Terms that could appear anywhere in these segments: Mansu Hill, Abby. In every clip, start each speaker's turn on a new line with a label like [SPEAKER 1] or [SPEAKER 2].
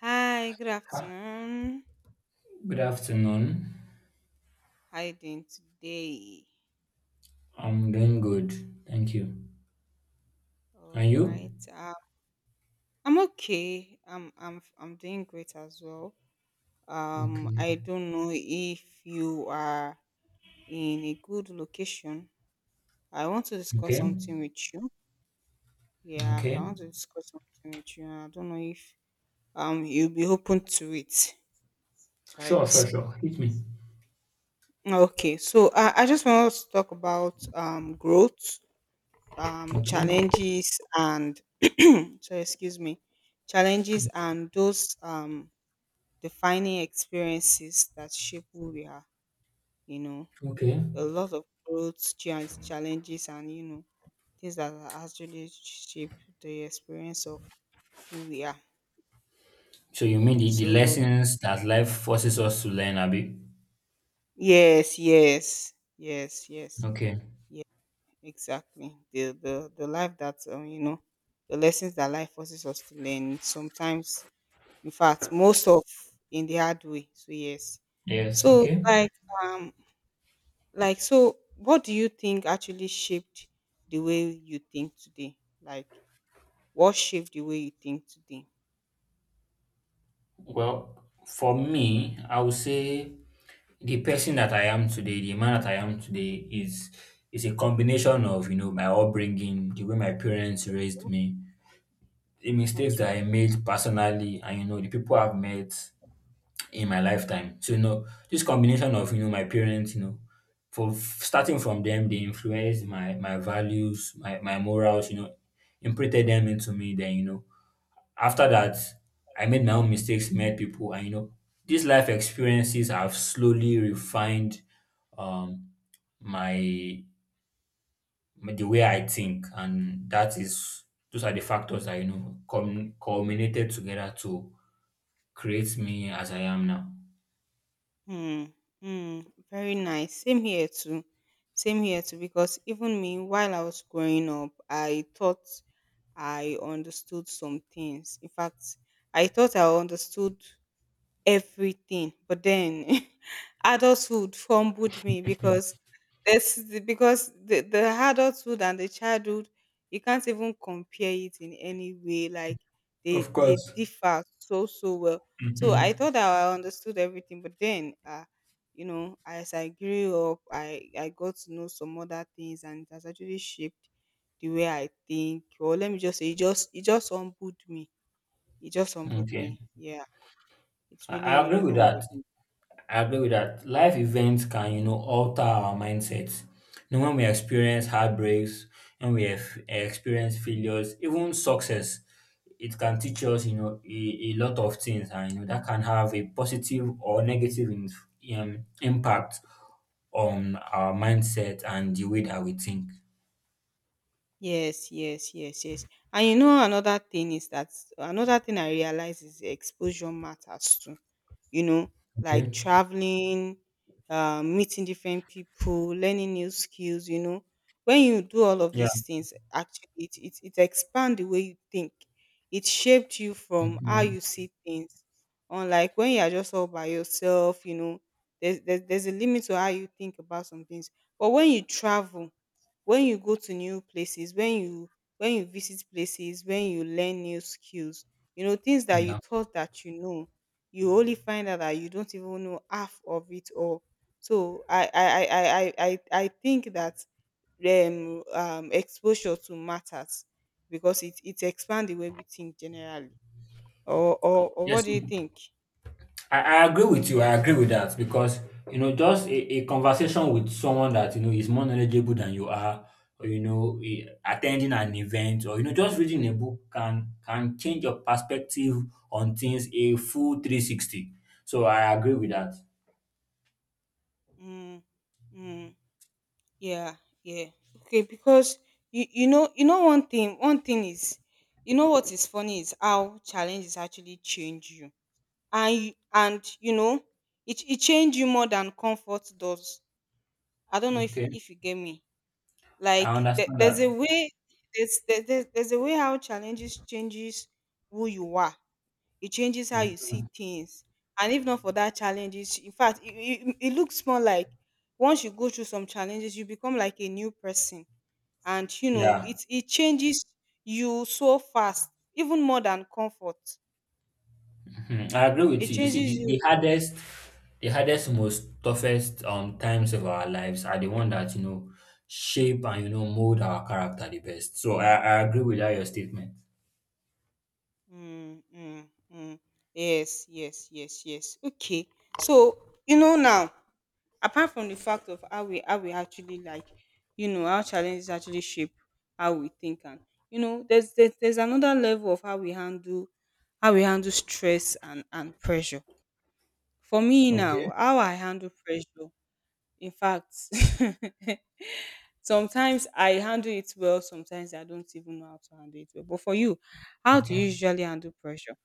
[SPEAKER 1] Hi, good
[SPEAKER 2] Ah,
[SPEAKER 1] afternoon.
[SPEAKER 2] good afternoon.
[SPEAKER 1] How you doing today?
[SPEAKER 2] I'm doing good. Thank you. And
[SPEAKER 1] All
[SPEAKER 2] you?
[SPEAKER 1] right. I'm okay. I'm doing great as well.
[SPEAKER 2] Okay.
[SPEAKER 1] I don't know if you are in a good location. I want to discuss
[SPEAKER 2] Okay.
[SPEAKER 1] something with you. Yeah,
[SPEAKER 2] Okay.
[SPEAKER 1] I want to discuss something with you. I don't know if you'll be open to it,
[SPEAKER 2] Sure, sure,
[SPEAKER 1] right?
[SPEAKER 2] sure. Hit me.
[SPEAKER 1] Okay, so I just want us to talk about growth
[SPEAKER 2] Okay.
[SPEAKER 1] challenges and so excuse me challenges and those defining experiences that shape who we are, you know,
[SPEAKER 2] Okay.
[SPEAKER 1] a lot of growth challenges, and you know things that are actually shape the experience of who we are,
[SPEAKER 2] So you mean the
[SPEAKER 1] so
[SPEAKER 2] lessons that life forces us to learn, Abby?
[SPEAKER 1] yes, yes, yes, yes,
[SPEAKER 2] Okay.
[SPEAKER 1] yeah, exactly the life that you know, the lessons that life forces us to learn sometimes. In fact, most of In the hard way. So yes.
[SPEAKER 2] Yes,
[SPEAKER 1] So
[SPEAKER 2] okay.
[SPEAKER 1] like, um like so what do you think actually shaped the way you think today? Like what shaped the way you think today?
[SPEAKER 2] Well, for me, I would say the person that I am today, the man that I am today is a combination of, you know, my upbringing, the way my parents raised me, the mistakes
[SPEAKER 1] Okay.
[SPEAKER 2] that I made personally, and you know, the people I've met in my lifetime. So you know, this combination of, you know, my parents, you know, for starting from them, they influenced my values, my morals, you know, imprinted them into me. Then you know, after that, I made my own mistakes, met people, and you know, these life experiences have slowly refined um my the way I think, and that is those are the factors that you know culminated together to create me as I am now.
[SPEAKER 1] Hmm. Hmm. Very nice. Same here too. Same here too. Because even me, while I was growing up, I thought I understood some things. In fact, I thought I understood everything, but then adulthood fumbled me because this because the adulthood and the childhood, you can't even compare it in any way. Like they
[SPEAKER 2] Of
[SPEAKER 1] they
[SPEAKER 2] course.
[SPEAKER 1] differ so so well. So I
[SPEAKER 2] Mm-hmm.
[SPEAKER 1] thought that I understood everything, but then you know, as I grew up, I got to know some other things, and it has actually shaped the way I think. Or let me just say it just humbled me. It just humbled
[SPEAKER 2] Okay,
[SPEAKER 1] me, yeah. It's
[SPEAKER 2] I
[SPEAKER 1] really
[SPEAKER 2] agree
[SPEAKER 1] really
[SPEAKER 2] with that.
[SPEAKER 1] humbled me.
[SPEAKER 2] I agree with that. Life events can, you know, alter our mindsets. You know, when we experience heartbreaks, when we have experience failures, even success, it can teach us, you know, a lot of things, and you know, that can have a positive or negative impact on our mindset and the way that we think.
[SPEAKER 1] Yes, yes, yes, yes. And you know another thing is that another thing I realize is exposure matters too. You know, like
[SPEAKER 2] Okay.
[SPEAKER 1] traveling, meeting different people, learning new skills. You know, when you do all of
[SPEAKER 2] Yeah.
[SPEAKER 1] these things, actually, it expands the way you think. It shaped you from how
[SPEAKER 2] Mhm.
[SPEAKER 1] you see things. Unlike when you are just all by yourself, you know, there's a limit to how you think about some things. But when you travel, when you go to new places, when you visit places, when you learn new skills, you know, things that you
[SPEAKER 2] Yeah.
[SPEAKER 1] thought that you know, you only find out that you don't even know half of it all. So I think that exposure to matters because it expands the way we think generally. Or
[SPEAKER 2] Yes.
[SPEAKER 1] what do you think?
[SPEAKER 2] I agree with you. I agree with that because you know, just a conversation with someone that you know is more knowledgeable than you are, or you know, attending an event, or you know, just reading a book can change your perspective on things a full 360. So I agree with that.
[SPEAKER 1] Mm, mm. Yeah, yeah. Okay, because you know you know one thing is, you know, what is funny is how challenges actually change you. And you know it change you more than comfort does. I don't know
[SPEAKER 2] Okay.
[SPEAKER 1] if you get me.
[SPEAKER 2] I
[SPEAKER 1] Like there,
[SPEAKER 2] understand
[SPEAKER 1] there's a
[SPEAKER 2] that.
[SPEAKER 1] way, there's there, there's a way how challenges changes who you are. It changes how you see
[SPEAKER 2] Mhm.
[SPEAKER 1] things. And if not for that challenges, in fact, it looks more like once you go through some challenges, you become like a new person, and you know
[SPEAKER 2] Yeah.
[SPEAKER 1] it changes you so fast, even more than comfort.
[SPEAKER 2] Hmm, I agree with
[SPEAKER 1] It
[SPEAKER 2] you. You see,
[SPEAKER 1] changes
[SPEAKER 2] the,
[SPEAKER 1] you.
[SPEAKER 2] the hardest, the hardest, most toughest times of our lives are the one that you know shape and you know mold our character the best. So I agree with that your statement.
[SPEAKER 1] Mm, mm, mm. Yes, yes, yes, yes. Okay, so you know now, apart from the fact of how we actually like, you know, how challenges actually shape how we think. And you know there's another level of how we handle stress and pressure. For me
[SPEAKER 2] Okay.
[SPEAKER 1] now, how I handle pressure, in fact, sometimes I handle it well, sometimes I don't even know how to handle it well. But for you, how do you
[SPEAKER 2] Okay.
[SPEAKER 1] usually handle pressure?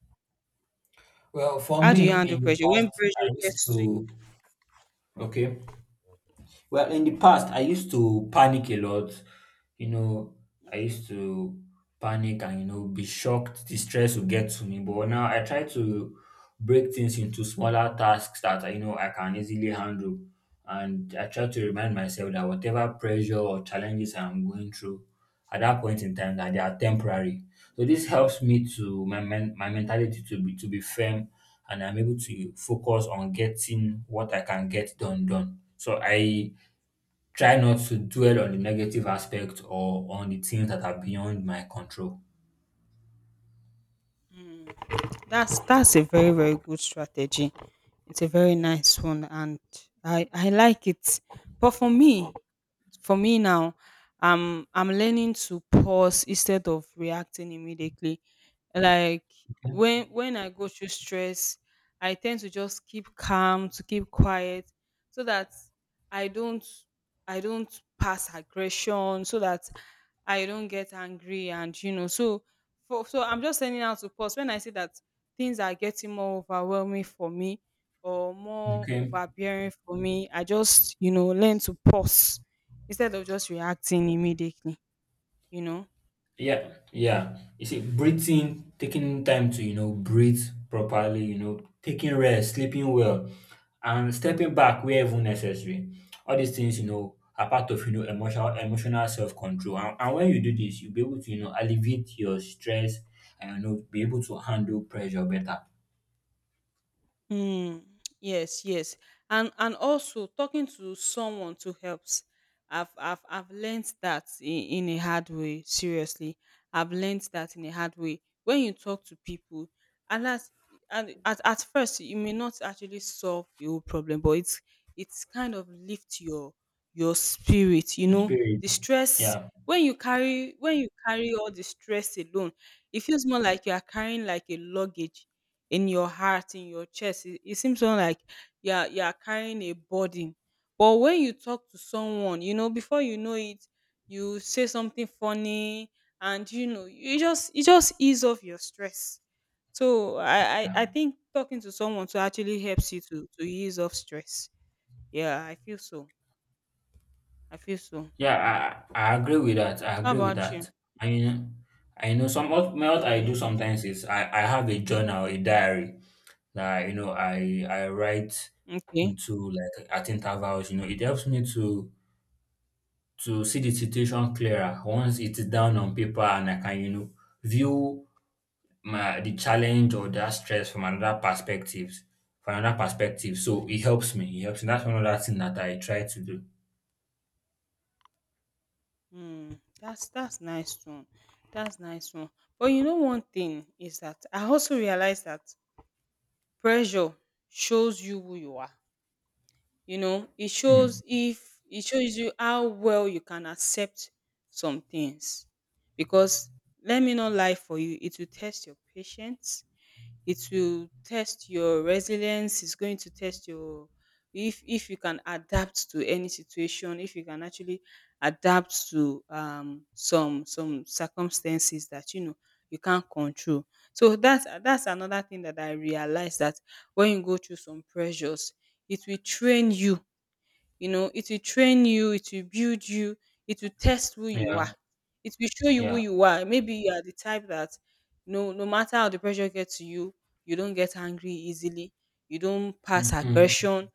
[SPEAKER 2] Well, for
[SPEAKER 1] How do you
[SPEAKER 2] me,
[SPEAKER 1] handle
[SPEAKER 2] in the
[SPEAKER 1] pressure when
[SPEAKER 2] past,
[SPEAKER 1] pressure
[SPEAKER 2] I used
[SPEAKER 1] gets to
[SPEAKER 2] to
[SPEAKER 1] you?
[SPEAKER 2] okay Well, in the past, I used to panic a lot. You know, I
[SPEAKER 1] Okay.
[SPEAKER 2] used to panic and, you know, be shocked. The stress would get to me. But now I try to break things into smaller tasks that, I know, I can easily handle. And I try to remind myself that whatever pressure or challenges I'm going through at that point in time, that they are temporary. So this helps me to my mentality to be firm, and I'm able to focus on getting what I can get done done. So I try not to dwell on the negative aspect or on the things that are beyond my control.
[SPEAKER 1] That's a very good strategy. It's a very nice one, and I like it. But for me now, I'm learning to pause instead of reacting immediately. Like when I go through stress, I tend to just keep calm, to keep quiet, so that I don't I don't pass aggression, so that I don't get angry, and you know, so for so I'm just learning how to pause when I see that things are getting more overwhelming for me or more
[SPEAKER 2] Okay.
[SPEAKER 1] overbearing for me. I just, you know, learn to pause instead of just reacting immediately, you know.
[SPEAKER 2] Yeah. Yeah. You see, breathing, taking time to, you know, breathe properly, you know, taking rest, sleeping well, and stepping back wherever necessary. All these things, you know, are part of, you know, emotional self-control. And when you do this, you'll be able to, you know, alleviate your stress and, you know, be able to handle pressure better.
[SPEAKER 1] Mm, yes, yes. And also talking to someone to helps. I've learned that in a hard way, seriously. I've learned that in a hard way. When you talk to people, and that's and at first you may not actually solve the whole problem, but it's kind of lift your spirit, you
[SPEAKER 2] Your
[SPEAKER 1] know. The
[SPEAKER 2] spirit.
[SPEAKER 1] stress,
[SPEAKER 2] Yeah.
[SPEAKER 1] when you carry all the stress alone, it feels more like you are carrying like a luggage in your heart, in your chest. It seems more like you're carrying a burden. But when you talk to someone, you know, before you know it, you say something funny, and you know, you just ease off your stress. So I think talking to someone to actually helps you to ease off stress. Yeah, I feel so. I feel so.
[SPEAKER 2] Yeah, I agree with that. I
[SPEAKER 1] How
[SPEAKER 2] agree with
[SPEAKER 1] about you?
[SPEAKER 2] that. I mean, I know some what I do
[SPEAKER 1] Okay.
[SPEAKER 2] sometimes is I have a journal, a diary that you know I write
[SPEAKER 1] Okay.
[SPEAKER 2] into like at intervals. You know, it helps me to see the situation clearer once it's down on paper, and I can you know view my the challenge or that stress from another perspective, from another perspective. So it helps me. It helps me. That's one other thing that I try to do.
[SPEAKER 1] Hmm, that's nice one. That's nice one. But you know, one thing is that I also realized that pressure shows you who you are. You know, it shows
[SPEAKER 2] Mm.
[SPEAKER 1] if it shows you how well you can accept some things. Because let me not lie for you, it will test your patience, it will test your resilience, it's going to test your if you can adapt to any situation, if you can actually adapt to some circumstances that you know you can't control. So that's another thing that I realized: that when you go through some pressures, it will train you. You know, it will train you, it will build you, it will test who you are.
[SPEAKER 2] Yeah,
[SPEAKER 1] It will show you who
[SPEAKER 2] yeah.
[SPEAKER 1] you are. Maybe you are the type that no matter how the pressure gets to you, you don't get angry easily, you don't pass
[SPEAKER 2] Hmm.
[SPEAKER 1] aggression,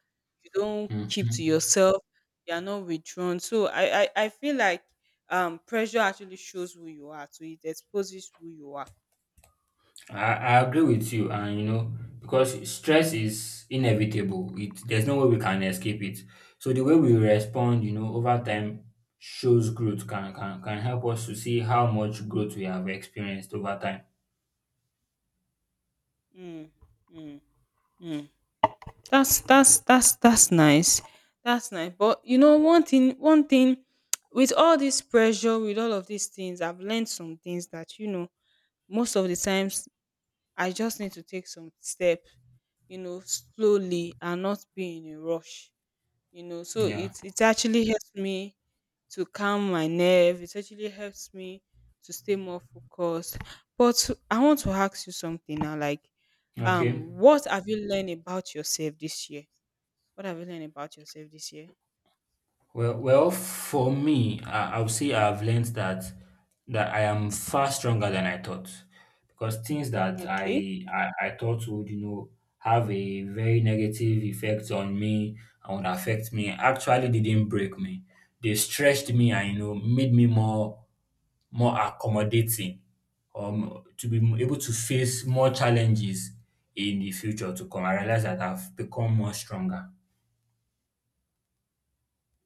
[SPEAKER 1] you don't keep to
[SPEAKER 2] Hmm.
[SPEAKER 1] yourself, you are not withdrawn. So I feel like pressure actually shows who you are, so it exposes who you are.
[SPEAKER 2] I agree with you, and you know, because stress is inevitable. It there's no way we can escape it. So the way we respond, you know, over time shows growth can help us to see how much growth we have experienced over time.
[SPEAKER 1] Mm, mm, mm. That's nice. That's nice. But you know, one thing, with all this pressure, with all of these things, I've learned some things that you know, most of the times, I just need to take some step, you know, slowly and not be in a rush. You know, so
[SPEAKER 2] Yeah.
[SPEAKER 1] it actually helps me to calm my nerve. It actually helps me to stay more focused. But I want to ask you something now, like,
[SPEAKER 2] Okay.
[SPEAKER 1] what have you learned about yourself this year? What have you learned about yourself this year?
[SPEAKER 2] Well, well, for me, I would say I've learned that that I am far stronger than I thought, because things that I
[SPEAKER 1] Okay.
[SPEAKER 2] I, I thought would you know have a very negative effect on me and would affect me actually didn't break me. They stretched me and you know made me more accommodating, to be able to face more challenges in the future to come. I realize that I've become more stronger.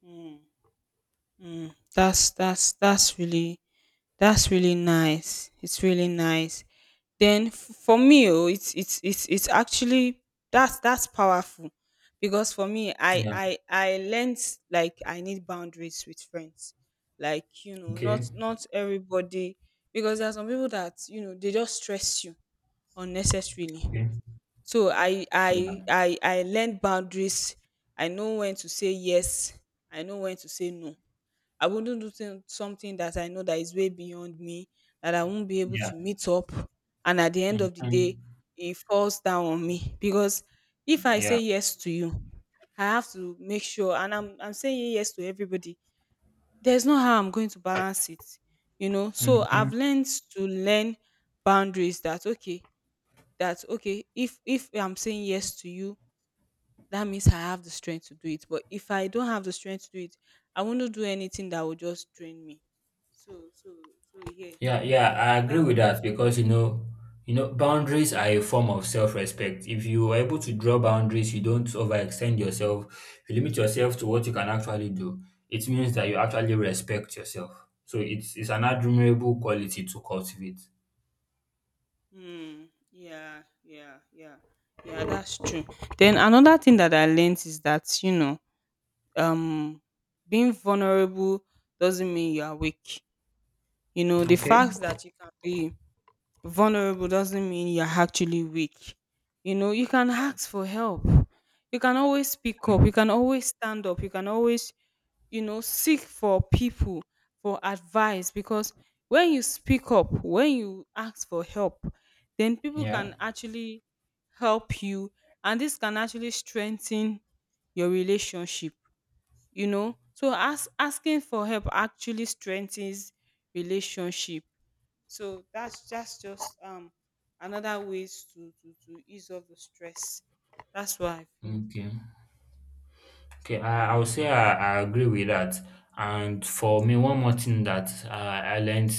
[SPEAKER 1] Mm, mm, that's really nice. It's really nice. Then for me, oh, it's actually that's powerful because for me, I
[SPEAKER 2] Yeah.
[SPEAKER 1] I I learned like I need boundaries with friends. Like you know,
[SPEAKER 2] Okay.
[SPEAKER 1] not not everybody, because there are some people that you know they just stress you unnecessarily.
[SPEAKER 2] Okay.
[SPEAKER 1] So I I
[SPEAKER 2] Yeah.
[SPEAKER 1] I I learned boundaries. I know when to say yes. I know when to say no. I wouldn't do something that I know that is way beyond me, that I won't be able
[SPEAKER 2] Yeah.
[SPEAKER 1] to meet up. And at the end of the
[SPEAKER 2] Mhm.
[SPEAKER 1] day, it falls down on me because if I say
[SPEAKER 2] Yeah.
[SPEAKER 1] yes to you, I have to make sure. And I'm saying yes to everybody. There's no how I'm going to balance it, you know. So
[SPEAKER 2] Hmm.
[SPEAKER 1] I've learned to learn boundaries. That okay, that okay, if I'm saying yes to you, that means I have the strength to do it. But if I don't have the strength to do it, I want to do anything that will just drain me. So yeah,
[SPEAKER 2] Yeah, yeah, I
[SPEAKER 1] so
[SPEAKER 2] agree
[SPEAKER 1] that's
[SPEAKER 2] with that because you know, boundaries are a form of self-respect. If you are able to draw boundaries, you don't overextend yourself. If you limit yourself to what you can actually do. It means that you actually respect yourself. So it's an admirable quality to cultivate.
[SPEAKER 1] hmm. Yeah, yeah, yeah, yeah, that's true. Then another thing that I learned is that you know, um being vulnerable doesn't mean you are weak. You know, the
[SPEAKER 2] Okay.
[SPEAKER 1] fact that you can be vulnerable doesn't mean you're actually weak. You know, you can ask for help. You can always speak up. You can
[SPEAKER 2] Mm.
[SPEAKER 1] always stand up. You can always, you know, seek for people for advice. Because when you speak up, when you ask for help, then people
[SPEAKER 2] Yeah.
[SPEAKER 1] can actually help you, and this can actually strengthen your relationship, you know. So as asking for help actually strengthens relationship. So that's just another ways to ease off the stress. That's what I feel.
[SPEAKER 2] Okay. Okay, I would
[SPEAKER 1] Yeah.
[SPEAKER 2] say I agree with that. And for me, one more thing that I learned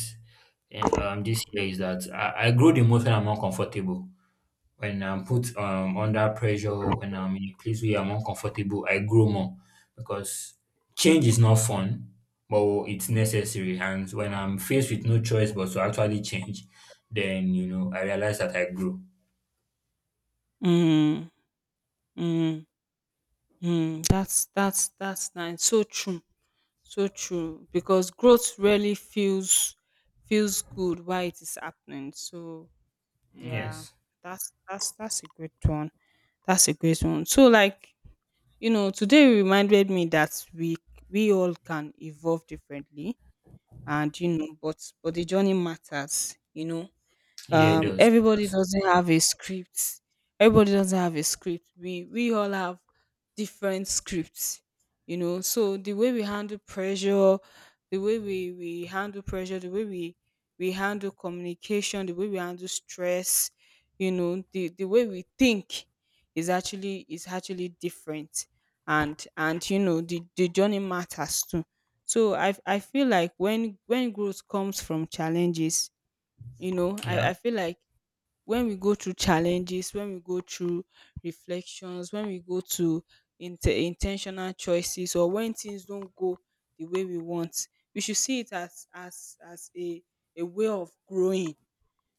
[SPEAKER 2] in, this year is that I grow the most when I'm uncomfortable. When I'm put under pressure, when I'm in a place where I'm uncomfortable, I grow more because change is not fun, but it's necessary. And when I'm faced with no choice but to actually change, then you know I realize that I grow.
[SPEAKER 1] Mm, mm, mm. That's nice. So true. So true. Because growth really feels good while it is happening. So yeah,
[SPEAKER 2] Yes,
[SPEAKER 1] that's a great one. That's a great one. So, like, you know, today reminded me that we all can evolve differently and you know but the journey matters, you know.
[SPEAKER 2] yeah, it does. It
[SPEAKER 1] Everybody
[SPEAKER 2] does.
[SPEAKER 1] doesn't have a script, everybody doesn't have a script, we all have different scripts, you know. So the way we handle pressure, the way we handle pressure, the way we handle communication, the way we handle stress, you know, the way we think is actually different. And you know the journey matters too. So I feel like when growth comes from challenges, you know
[SPEAKER 2] Yeah,
[SPEAKER 1] I feel like when we go through challenges, when we go through reflections, when we go to intentional choices, or when things don't go the way we want, we should see it as as a way of growing.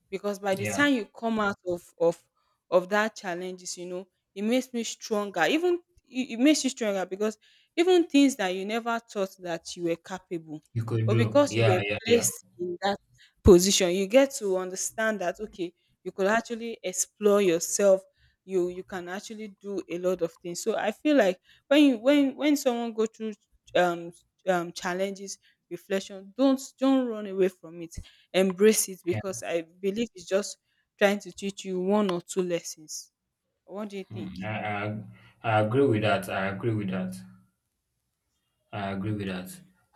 [SPEAKER 1] Because by the
[SPEAKER 2] yeah,
[SPEAKER 1] time you come out of of that challenges, you know, it makes me stronger, even it makes you stronger because even things that you never thought that you were capable,
[SPEAKER 2] you could
[SPEAKER 1] but
[SPEAKER 2] grow.
[SPEAKER 1] because you were
[SPEAKER 2] Yeah, yeah,
[SPEAKER 1] placed in that position, you get to understand that, okay, you could actually explore yourself, you can actually do a lot of things. So I feel like when you when someone go through um challenges, reflection, don't run away from it. Embrace it,
[SPEAKER 2] yeah.
[SPEAKER 1] because I believe it's just trying to teach you one or two lessons. What do you think?
[SPEAKER 2] Mm, I agree with that. I agree with that. I agree with that.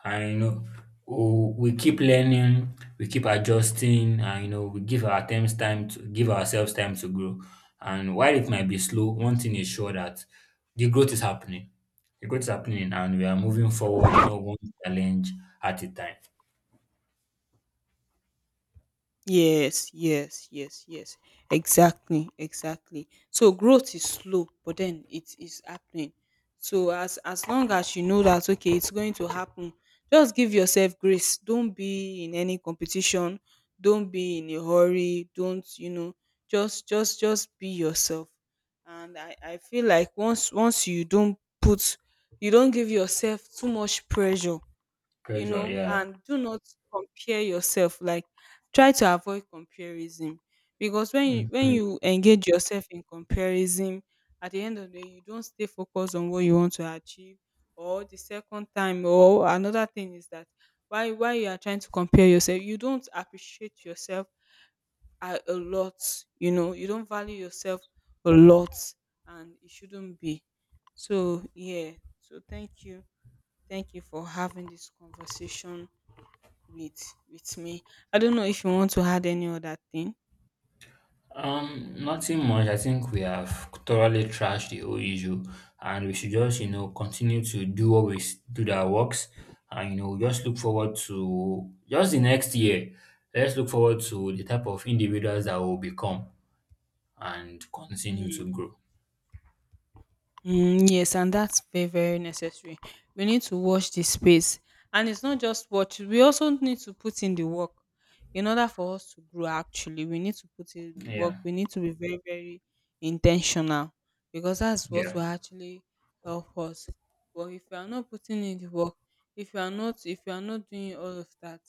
[SPEAKER 2] And you know, we keep learning, we keep adjusting, and you know, we give our attempts time to give ourselves time to grow. And while it might be slow, one thing is sure that the growth is happening. The growth is happening, and we are moving forward. You know, one challenge at a time.
[SPEAKER 1] Yes, yes, yes, yes. Exactly, exactly. So growth is slow, but then it is happening. So as long as you know that, okay, it's going to happen, just give yourself grace. Don't be in any competition. Don't be in a hurry. Don't, you know, just be yourself. And I feel like once you don't put you don't give yourself too much pressure, you
[SPEAKER 2] Pressure,
[SPEAKER 1] know,
[SPEAKER 2] yeah.
[SPEAKER 1] and do not compare yourself. Like, try to avoid comparison, because when
[SPEAKER 2] Mhm.
[SPEAKER 1] you engage yourself in comparison, at the end of the day, you don't stay focused on what you want to achieve. Or the second time, or another thing is that why you are trying to compare yourself, you don't appreciate yourself a lot. You know, you don't value yourself a lot, and it shouldn't be. So yeah. So thank you. Thank you for having this conversation with me. I don't know if you want to add any other thing.
[SPEAKER 2] Nothing much. I think we have thoroughly trashed the whole issue, and we should just, you know, continue to do what we do that works, and you know, just look forward to just the next year. Let's look forward to the type of individuals that will become and continue to grow.
[SPEAKER 1] Mm, yes, and that's very, very necessary. We need to watch the space. And it's not just watch, we also need to put in the work. In order for us to grow, actually, we need to put in the work.
[SPEAKER 2] Yeah,
[SPEAKER 1] We need to be very, very intentional, because that's what
[SPEAKER 2] yeah,
[SPEAKER 1] will actually help us. But if you are not putting in the work, if you are not, if you are not doing all of that,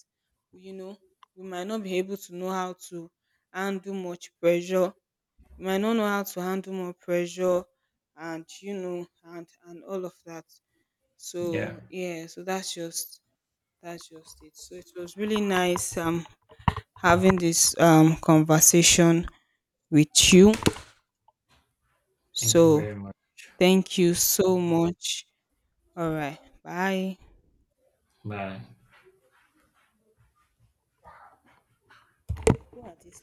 [SPEAKER 1] you know, we might not be able to know how to handle much pressure, you might not know how to handle more pressure, and you know and all of that.
[SPEAKER 2] yeah.
[SPEAKER 1] So yeah, so that's just it. So it was really nice having this conversation with you.
[SPEAKER 2] Thank you very
[SPEAKER 1] So
[SPEAKER 2] much.
[SPEAKER 1] thank you so much. All right. Bye.
[SPEAKER 2] Bye.
[SPEAKER 1] Who are these